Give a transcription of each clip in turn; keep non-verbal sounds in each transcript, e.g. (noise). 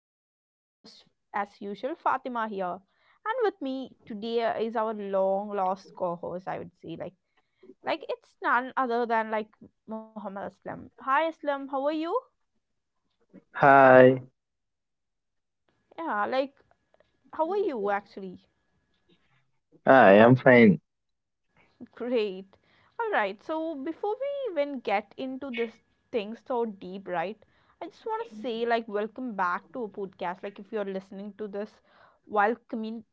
this is your host, as usual, Fatima here. And with me today is our long lost co host, I would say. Like, it's none other than Muhammad Aslam. Hi, Aslam, how are you? Hi, Yeah, like, how are you actually? I am fine. Great. Alright, so before we even get into this thing so deep, right? I just want to say, welcome back to a podcast. Like, if you're listening to this while commun-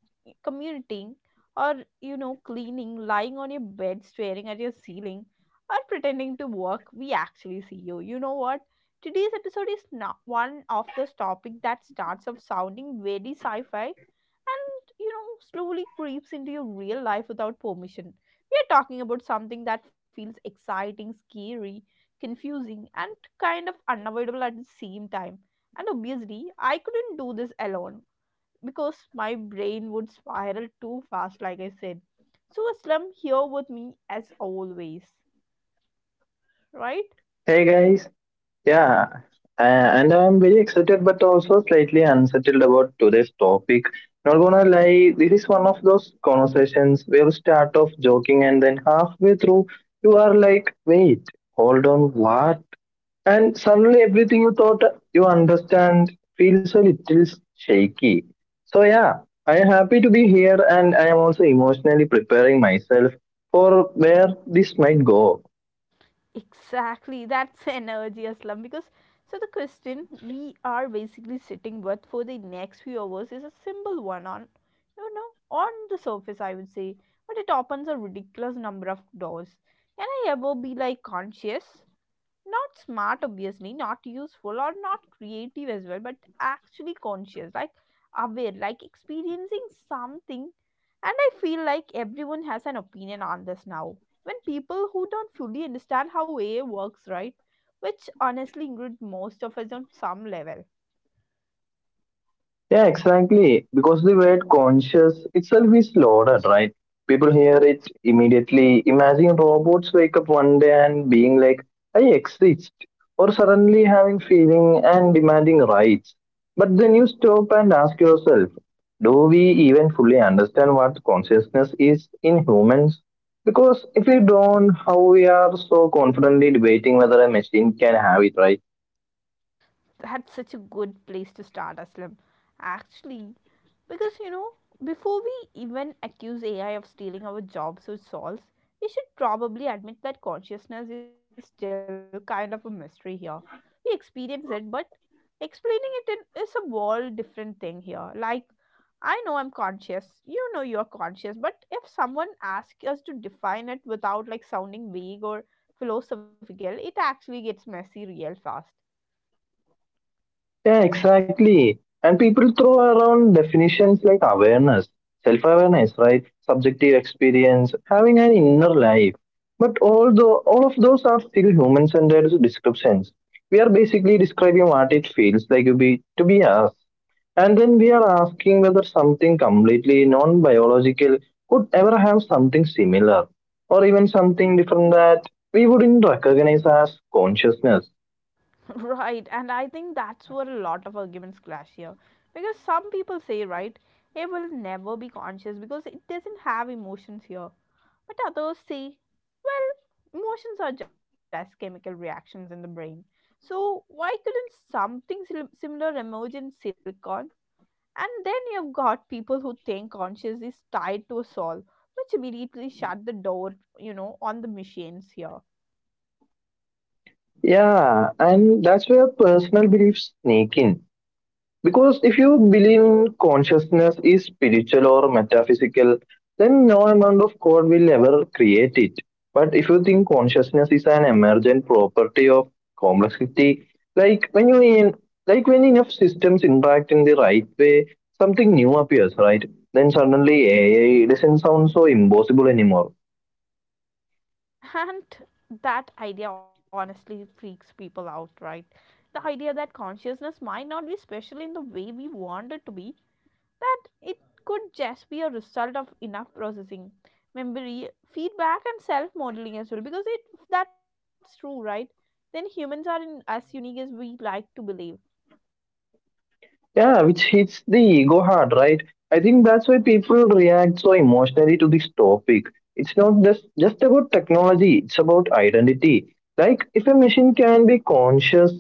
commuting or, you know, cleaning, lying on your bed, staring at your ceiling, or pretending to work, we actually see you. You know what? Today's episode is not one of those topics that starts off sounding very sci fi, and you know, slowly creeps into your real life without permission. We are talking about something that feels exciting, scary, confusing, and kind of unavoidable at the same time. And obviously, I couldn't do this alone because my brain would spiral too fast, like I said. So Aslam here with me, as always, right? Hey guys, yeah, and I'm very excited but also slightly unsettled about today's topic. Not gonna lie, this is one of those conversations where you start off joking and then halfway through you are like, wait, hold on, what? And suddenly everything you thought you understand feels a little shaky. So yeah, I am happy to be here and I am also emotionally preparing myself for where this might go. Exactly, (laughs) that's energy, Aslam, because so the question we are basically sitting with for the next few hours is a simple one, on you know, on the surface, I would say, but it opens a ridiculous number of doors. Can I ever be like conscious? Not smart, obviously, not useful, or not creative as well, but actually conscious, like aware, like experiencing something. And I feel like everyone has an opinion on this now, when people who don't fully understand how AI works, right? Which honestly include most of us on some level. Yeah, exactly. Because the word conscious itself is loaded, right? People hear it immediately. Imagine robots wake up one day and being like, I exist, or suddenly having feeling and demanding rights. But then you stop and ask yourself, do we even fully understand what consciousness is in humans? Because if we don't, how we are so confidently debating whether a machine can have it, right? That's such a good place to start, Aslam, actually. Because you know, before we even accuse AI of stealing our jobs or souls, we should probably admit that consciousness is still kind of a mystery here. We experience it, but explaining it in, is a whole different thing here. Like, I know I'm conscious, you know you're conscious, but if someone asks us to define it without like sounding vague or philosophical, it actually gets messy real fast. Yeah, exactly. And people throw around definitions like awareness, self awareness, right? Subjective experience, having an inner life. But although all of those are still human centered descriptions, we are basically describing what it feels like to be us. And then we are asking whether something completely non biological could ever have something similar or even something different that we wouldn't recognize as consciousness. (laughs) Right, and I think that's where a lot of arguments clash here. Because some people say, right, it will never be conscious because it doesn't have emotions here. But others say, well, emotions are just chemical reactions in the brain. So why couldn't something similar emerge in silicon? And then you've got people who think conscious is tied to a soul, which immediately shut the door, you know, on the machines here. Yeah, and that's where personal beliefs sneak in. Because if you believe in consciousness is spiritual or metaphysical, then no amount of code will ever create it. But if you think consciousness is an emergent property of complexity, like when you in, like when enough systems interact in the right way, something new appears, right? Then suddenly AI doesn't sound so impossible anymore. And that idea honestly freaks people out, right? The idea that consciousness might not be special in the way we want it to be, that it could just be a result of enough processing, memory, feedback, and self modeling as well. Because it, if that's true, right? Then humans are in, as unique as we like to believe. Yeah, which hits the ego hard, right? I think that's why people react so emotionally to this topic. It's not just about technology, it's about identity. Like, if a machine can be conscious,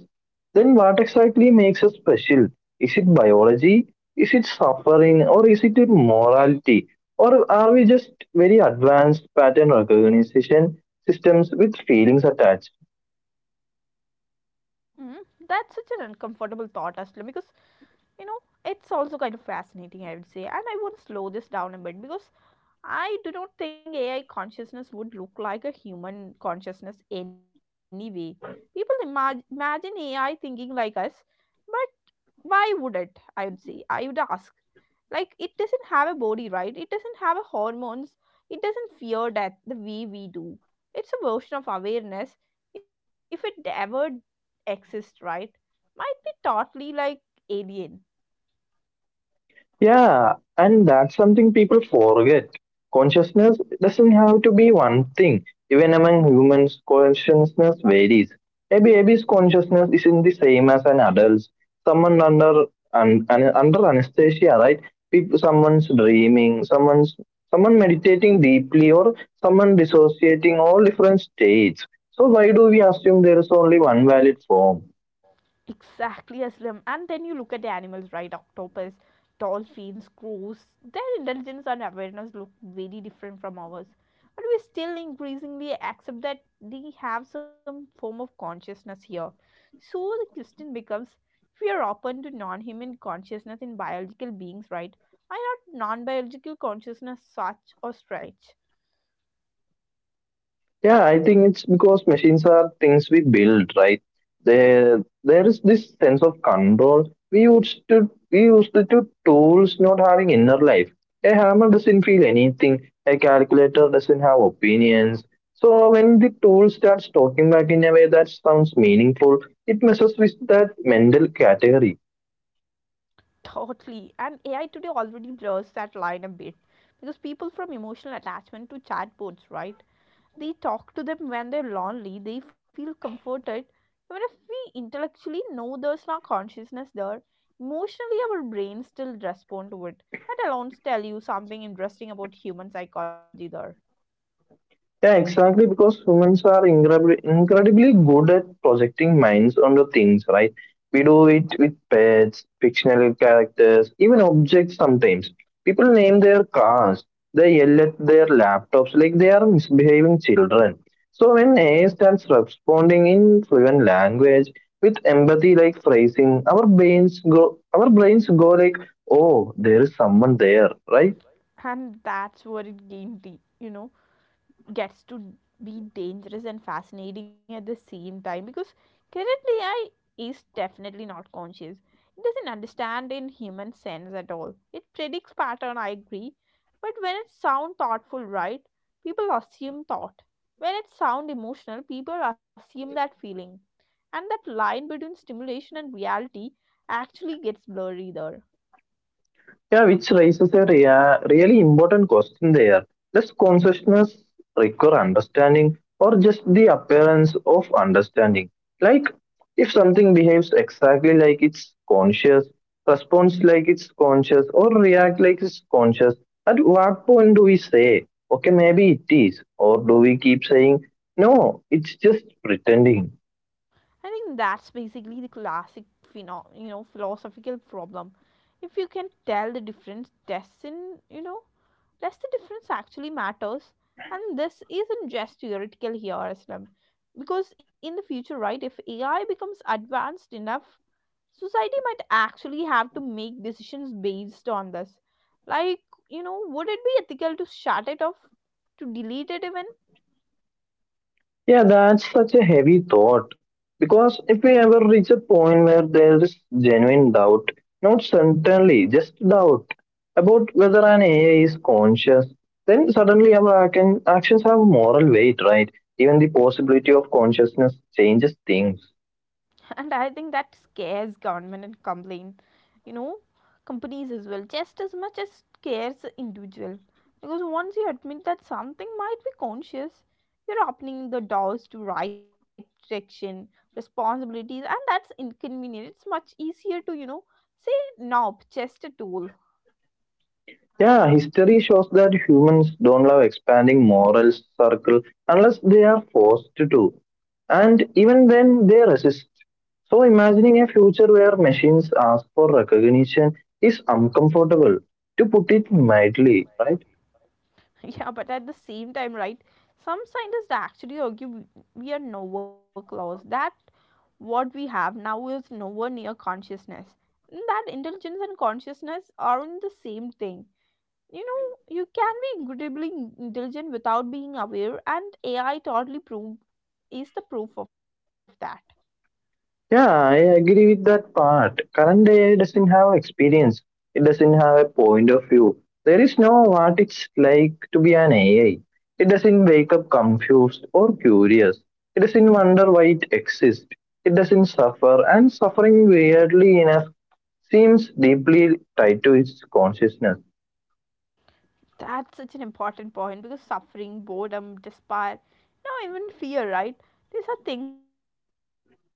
then what exactly makes us special? Is it biology? Is it suffering? Or is it morality? Or are we just very advanced pattern recognition systems with feelings attached? Mm, that's such an uncomfortable thought, Aslam, because you know, it's also kind of fascinating, I would say. And I want to slow this down a bit because I do not think AI consciousness would look like a human consciousness anyway. People imagine AI thinking like us, but why would it? I would say. I would ask. Like, it doesn't have a body, right? It doesn't have a hormones. It doesn't fear death the way we do. It's a version of awareness, if it ever exists, right? Might be totally like alien. Yeah, and that's something people forget. Consciousness doesn't have to be one thing. Even among humans, consciousness varies. A baby's consciousness isn't the same as an adult's. Someone under anesthesia, right? People, someone's dreaming, someone meditating deeply, or someone dissociating. All different states. So why do we assume there is only one valid form? Exactly, Aslam. And then you look at the animals, right? Octopus, dolphins, crows. Their intelligence and awareness look very different from ours. But we still increasingly accept that they have some form of consciousness here. So the question becomes, if we are open to non human consciousness in biological beings, right? Why not non biological consciousness such or stretch? Yeah, I think it's because machines are things we build, right? There is this sense of control. We used to do tools not having inner life. A hammer doesn't feel anything. A calculator doesn't have opinions. So when the tool starts talking back in a way that sounds meaningful, it messes with that mental category. Totally. And AI today already blurs that line a bit because people from emotional attachment to chatbots, right? They talk to them when they're lonely, they feel comforted. Even if we intellectually know there's no consciousness there, emotionally our brains still respond to it. That alone tells you something interesting about human psychology there. Yeah, exactly. Because humans are incredibly good at projecting minds onto things, right? We do it with pets, fictional characters, even objects sometimes. People name their cars, they yell at their laptops like they are misbehaving children. So when AI starts responding in fluent language with empathy like phrasing, our brains go like, oh, there is someone there, right? And that's where you know, gets to be dangerous and fascinating at the same time because currently AI is definitely not conscious. It doesn't understand in human sense at all. It predicts pattern, I agree, but when it sound thoughtful, right? People assume thought. When it sound emotional, people assume that feeling. And that line between stimulation and reality actually gets blurry there. Yeah, which raises a really important question there. Does consciousness require understanding or just the appearance of understanding? Like, if something behaves exactly like it's conscious, responds like it's conscious, or react like it's conscious, at what point do we say, okay, maybe it is? Or do we keep saying, no, it's just pretending? I think that's basically the classic you know, philosophical problem. If you can tell the difference, doesn't you know does the difference actually matters? And this isn't just theoretical here, Aslam, because in the future, right? If AI becomes advanced enough, society might actually have to make decisions based on this. Like you know, would it be ethical to shut it off, to delete it even? Yeah, that's such a heavy thought. Because if we ever reach a point where there is genuine doubt, not certainly, just doubt about whether an AI is conscious, then suddenly our actions have moral weight, right? Even the possibility of consciousness changes things. (laughs) And I think that scares government and complain, you know, companies as well, just as much as scares the individual. Because once you admit that something might be conscious, you're opening the doors to right direction responsibilities, and that's inconvenient. It's much easier to, you know, say nope, just a tool. Yeah, history shows that humans don't love expanding moral circle unless they are forced to. And even then, they resist. So, imagining a future where machines ask for recognition is uncomfortable, to put it mildly, right? (laughs) Yeah, but at the same time, right? Some scientists actually argue we are nowhere close. That what we have now is nowhere near consciousness. And that intelligence and consciousness aren't the same thing. You know, you can be incredibly intelligent without being aware, and AI totally prove is the proof of that. Yeah, I agree with that part. Current AI doesn't have experience. It doesn't have a point of view. There is no what it's like to be an AI. It doesn't wake up confused or curious. It doesn't wonder why it exists. It doesn't suffer, and suffering weirdly enough seems deeply tied to its consciousness. That's such an important point because suffering, boredom, despair, now even fear, right? These are things that are, you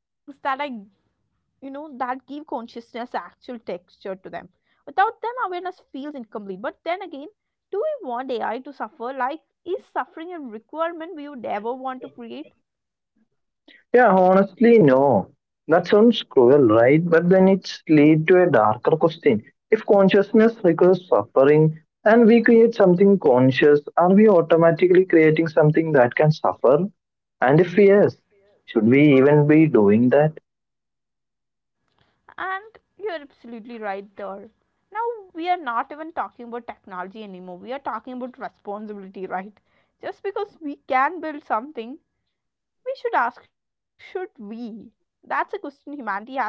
know, that give consciousness actual texture to them. Without them awareness feels incomplete, but then again, do we want AI to suffer? Like is suffering a requirement we would ever want to create? Yeah, honestly, no. That sounds cruel, right? But then it's lead to a darker question. If consciousness requires suffering and we create something conscious, are we automatically creating something that can suffer? And if yes, should we even be doing that? And you're absolutely right there. Now we are not even talking about technology anymore, we are talking about responsibility, right? Just because we can build something, we should ask should we? That's a question humanity has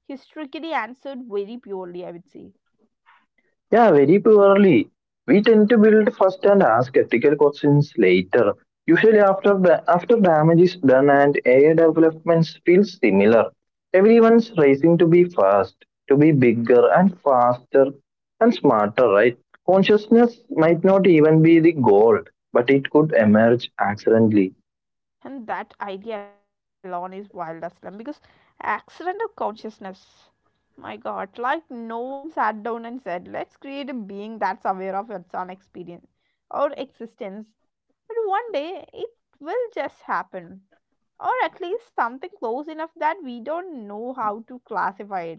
historically answered very purely, I would say. Yeah, very poorly. We tend to build first and ask ethical questions later, usually after damage is done and AI developments feel similar. Everyone's racing to be fast, to be bigger and faster and smarter, right? Consciousness might not even be the goal, but it could emerge accidentally. And that idea alone is wild as well, because accidental consciousness, my god, like no one sat down and said, let's create a being that's aware of its own experience or existence. But one day it will just happen, or at least something close enough that we don't know how to classify it.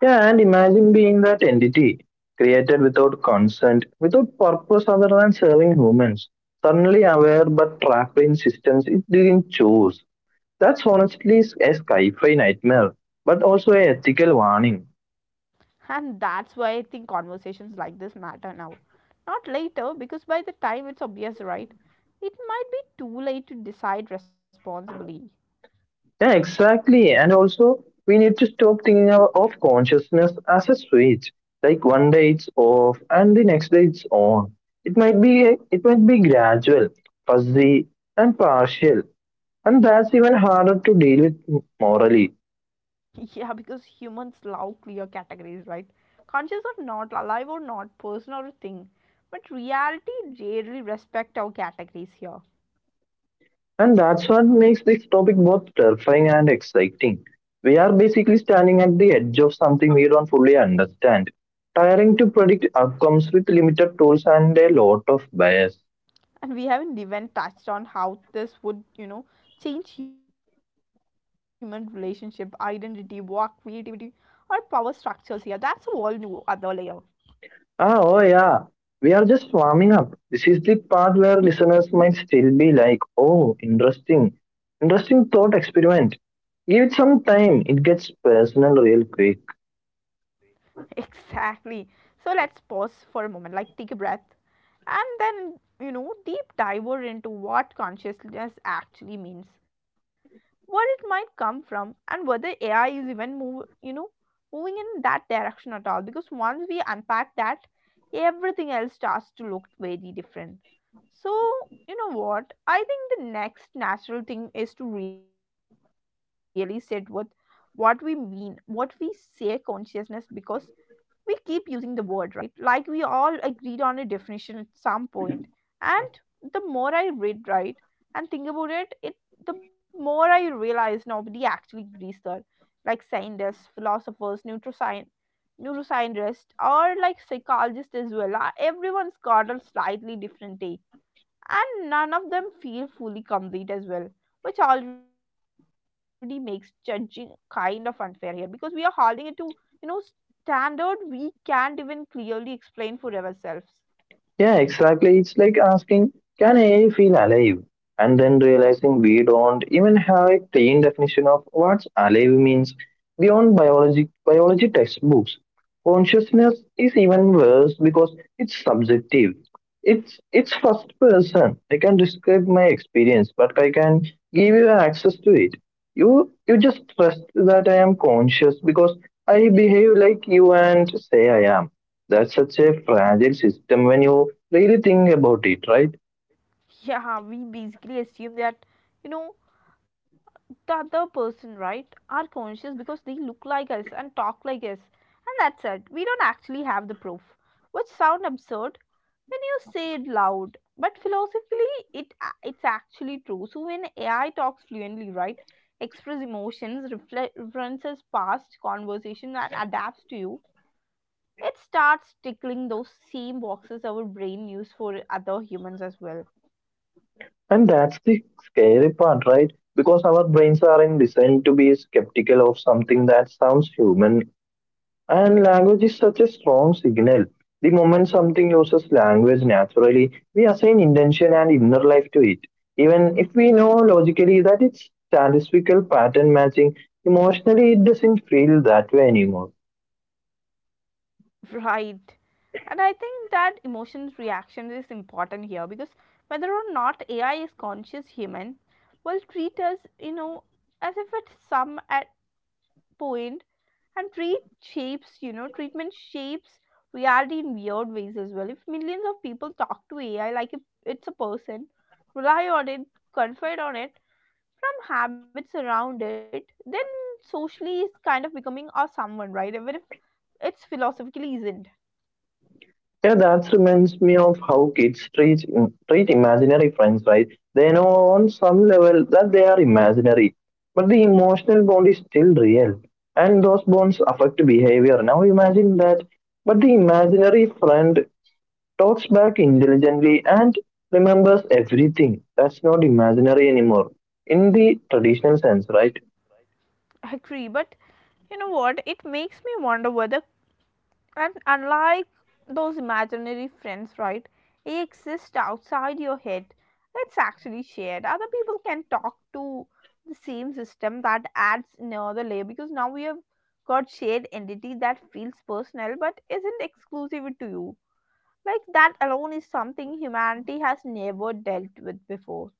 Yeah, and imagine being that entity, created without consent, without purpose other than serving humans, suddenly aware but trapped in systems it didn't choose. That's honestly a sci fi nightmare, but also a ethical warning. And that's why I think conversations like this matter now. Not later, because by the time it's obvious, right? It might be too late to decide responsibly. Yeah, exactly. And also, we need to stop thinking of consciousness as a switch. Like one day it's off and the next day it's on. It might be gradual, fuzzy, and partial. And that's even harder to deal with morally. (laughs) Yeah, because humans love clear categories, right? Conscious or not, alive or not, person or thing. But reality rarely respect our categories here. And that's what makes this topic both terrifying and exciting. We are basically standing at the edge of something we don't fully understand, tiring to predict outcomes with limited tools and a lot of bias. And we haven't even touched on how this would, you know, change human relationship, identity, work, creativity, or power structures here. That's a whole new other layer. (laughs) Ah, oh yeah, we are just warming up. This is the part where listeners might still be like, oh, interesting thought experiment. Give it some time, it gets personal real quick. Exactly. So let's pause for a moment, like take a breath, and then you know, deep diver into what consciousness actually means, where it might come from, and whether AI is even moving in that direction at all. Because once we unpack that, everything else starts to look very different. So, you know what? I think the next natural thing is to really sit with what we mean, what we say consciousness, because we keep using the word, right? Like we all agreed on a definition at some point. And the more I read, right, and think about it, it the more I realize nobody actually agrees there. Like scientists, philosophers, neuroscientists, or like psychologists as well. Everyone's got a slightly different take, and none of them feel fully complete as well, which already makes judging kind of unfair here, because we are holding it to, you know, standard we can't even clearly explain for ourselves. Yeah, exactly. It's like asking, can AI feel alive? And then realizing we don't even have a clean definition of what alive means beyond biology textbooks. Consciousness is even worse because it's subjective. It's first person. I can describe my experience, but I can give you access to it. You just trust that I am conscious because I behave like you and say I am. That's such a fragile system when you really think about it, right? (laughs) Yeah, we basically assume that, you know, the other person, right, are conscious because they look like us and talk like us, and that's it. We don't actually have the proof, which sound absurd when you say it loud, but philosophically, it's actually true. So when AI talks fluently, right, express emotions, references past conversation and adapts to you, it starts tickling those same boxes our brain use for other humans as well. And that's the scary part, right? Because our brains are in designed to be skeptical of something that sounds human. And language is such a strong signal. The moment something uses language naturally, we assign intention and inner life to it. Even if we know logically that it's statistical pattern matching, emotionally it doesn't feel that way anymore. (laughs) Right, and I think that emotions reaction is important here, because whether or not AI is conscious, human will treat us, you know, as if it's some at point, and treatment shapes reality in weird ways as well. If millions of people talk to AI like if it's a person, rely on it, confide on it, from habits around it, then socially is kind of becoming a someone, right? Even if it's philosophically isn't. Yeah, that reminds me of how kids treat, treat imaginary friends, right? They know on some level that they are imaginary, but the emotional bond is still real, and those bonds affect behavior. Now imagine that, but the imaginary friend talks back intelligently and remembers everything. That's not imaginary anymore in the traditional sense, right? (laughs) I agree, but you know what it makes me wonder whether, and unlike those imaginary friends, right? They exist outside your head. It's actually shared. Other people can talk to the same system. That adds another layer because now we have got shared entity that feels personal but isn't exclusive to you. Like that alone is something humanity has never dealt with before.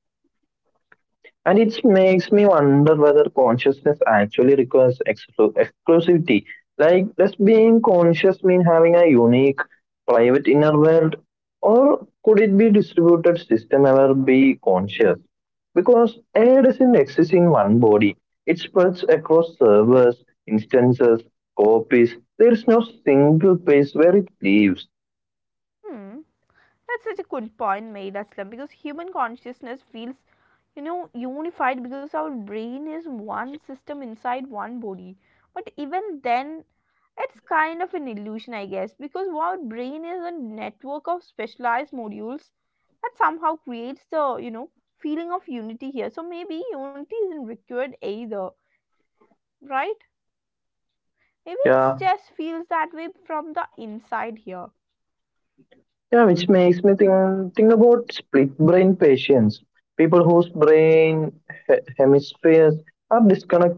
And it makes me wonder whether consciousness actually requires exclusivity. Like, does being conscious mean having a unique, private inner world? Or could it be distributed system ever be conscious? Because AI doesn't exist in one body. It spreads across servers, instances, copies. There is no single place where it lives. Hmm. That's such a good point made, Aslam, because human consciousness feels, unified because our brain is one system inside one body. But even then, it's kind of an illusion, I guess, because our brain is a network of specialized modules that somehow creates the, feeling of unity here. So maybe unity isn't required either, right? Maybe it Yeah, just feels that way from the inside here. Yeah, which makes me think about split brain patients. People whose brain hemispheres are disconnected.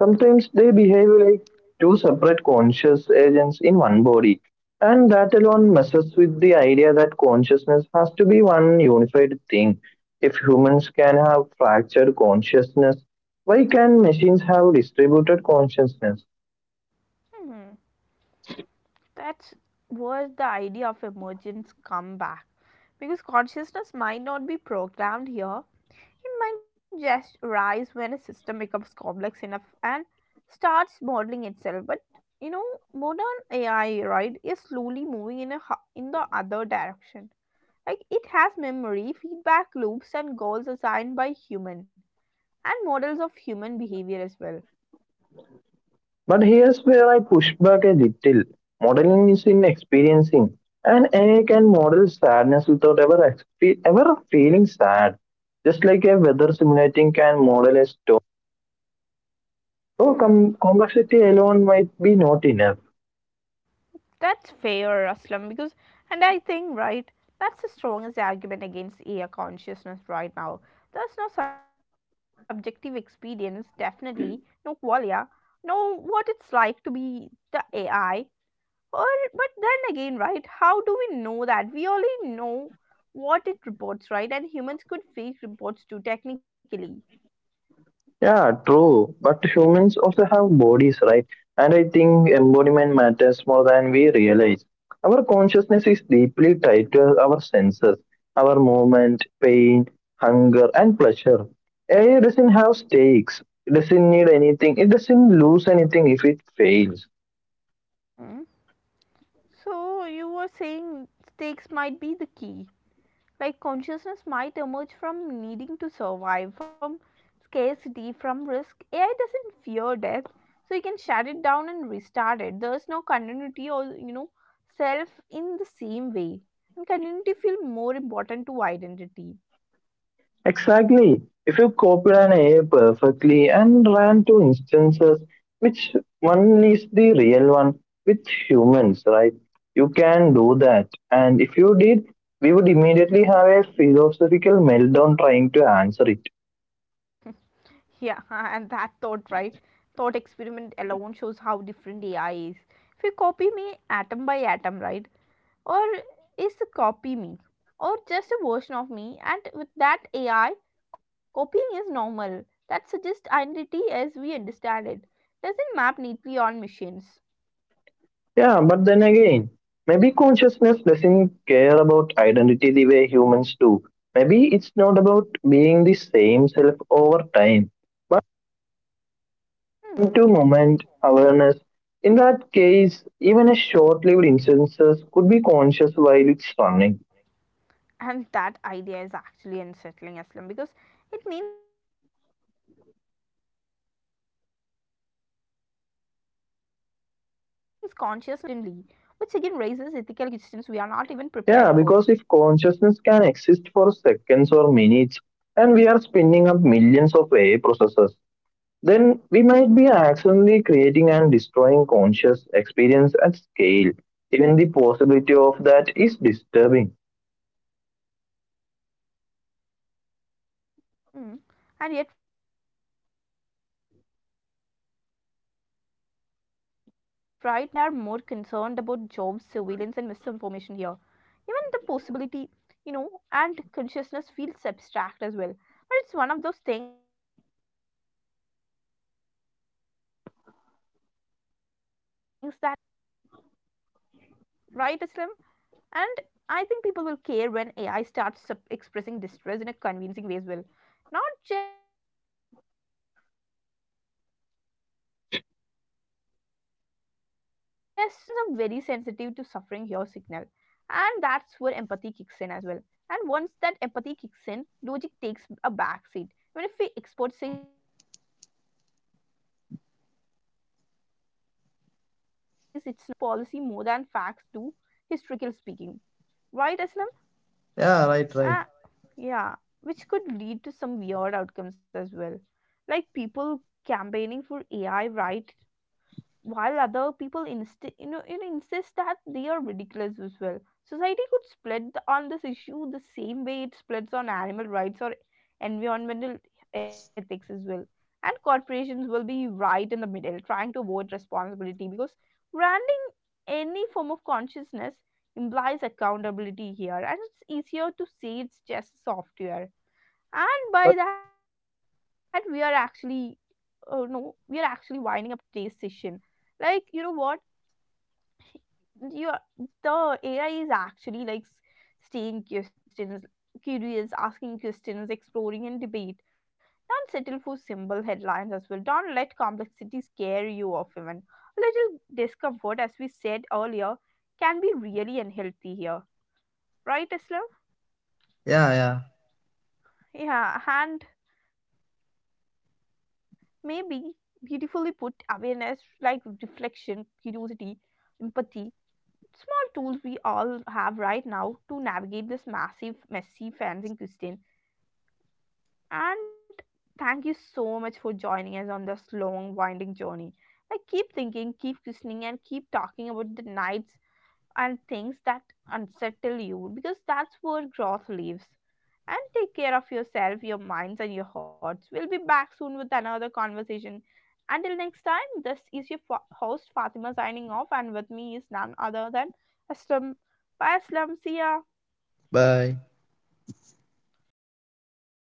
Sometimes they behave like two separate conscious agents in one body, and that alone messes with the idea that consciousness has to be one unified thing. If humans can have fractured consciousness, why can machines have distributed consciousness? Hmm, that's where the idea of emergence come back. Because consciousness might not be programmed here, it might just arise when a system becomes complex enough and starts modeling itself. But you know, modern AI, right, is slowly moving in a in the other direction. Like it has memory, feedback loops, and goals assigned by human and models of human behavior as well. But here's where I push back a little. Modeling is in experiencing, and AI can model sadness without ever feeling sad. Just like a weather simulating can model a storm, so Hmm. Complexity alone might be not enough. That's fair, Aslam, because, and I think, right, that's the strongest argument against AI consciousness right now. There's no subjective experience, definitely, no qualia, no what it's like to be the AI. Or, but then again, right, how do we know that? We only know what it reports, right? And humans could fake reports too, technically. Yeah, true. But humans also have bodies, right? And I think embodiment matters more than we realize. Our consciousness is deeply tied to our senses, our movement, pain, hunger, and pleasure. AI doesn't have stakes. It doesn't need anything. It doesn't lose anything if it fails. Hmm? So, you were saying stakes might be the key. Like consciousness might emerge from needing to survive, from scarcity, from risk. AI doesn't fear death, so you can shut it down and restart it. There's no continuity or self in the same way. And continuity feel more important to identity. Exactly. If you copied an AI perfectly and ran two instances, which one is the real one with humans, right? You can do that. And if you did, we would immediately have a philosophical meltdown trying to answer it. Yeah, (laughs) and that thought, right? Thought experiment alone shows how different AI is. If you copy me atom by atom, right? Or is a copy me or just a version of me, and with that AI copying is normal. That suggests identity as we understand it doesn't map neatly on machines. Yeah, but then again, maybe consciousness doesn't care about identity the way humans do. Maybe it's not about being the same self over time Hmm. to moment awareness. In that case, even a short lived instances could be conscious while it's running. And that idea is actually unsettling, Aslam, because it means consciousness could be cheap, right, disposable, created and destroyed constantly, which again raises ethical questions we are not even prepared for. Yeah, because if consciousness can exist for seconds or minutes and we are spinning up millions of AI processors, then we Hmm. might be accidentally creating and destroying conscious experience at scale. Even the possibility of that is disturbing. Mm. And yet, right, most people don't worry about this at all. Like, they are more concerned about job surveillance and misinformation here. Even the possibility, and consciousness feels abstract as well. But it's one of those things that sneaks upon you once the tech gets good enough. Right, Islam? And I think people will care when AI starts expressing distress in a convincing way as well. Not just I'm sad, but behavior is always the signal suffering. Humans are very sensitive to suffering here signal. And that's where empathy kicks in as well. And once that empathy kicks in, logic takes a backseat. Even if the expert says it's not real, people will still feel something. And feeling shape policy more than facts do, historical speaking. Right, Aslam? Yeah, right, right. Uh, yeah, which could lead to some weird outcomes as well. Like people campaigning for AI right while other people insist that they are ridiculous as well. Society could split on this issue the same way it splits on animal rights or environmental ethics as well. And corporations will be right in the middle, trying to avoid responsibility because branding any form of consciousness implies accountability here, and it's easier to say it's just software. But And by that, we are actually oh no, we are actually winding up today's session. Like, you know what? You are, the AI is actually like staying questions, curious, asking questions, exploring and debate. Don't settle for simple headlines as well. Don't let complexity scare you off even. A little discomfort, as we said earlier, can be really unhealthy here. Right, Islam? yeah, yeah. Yeah, hand. Maybe beautifully put awareness like reflection, curiosity, empathy, small tools we all have right now to navigate this massive, messy fencing question. And thank you so much for joining us on this long, winding journey. Like, keep thinking, keep questioning, and keep talking about the nights and things that unsettle you because that's where growth lives. And take care of yourself, your minds, and your hearts. We'll be back soon with another conversation. Until next time, this is your host Fatima signing off, and with me is none other than Aslam. Bye, Aslam. See ya. Bye.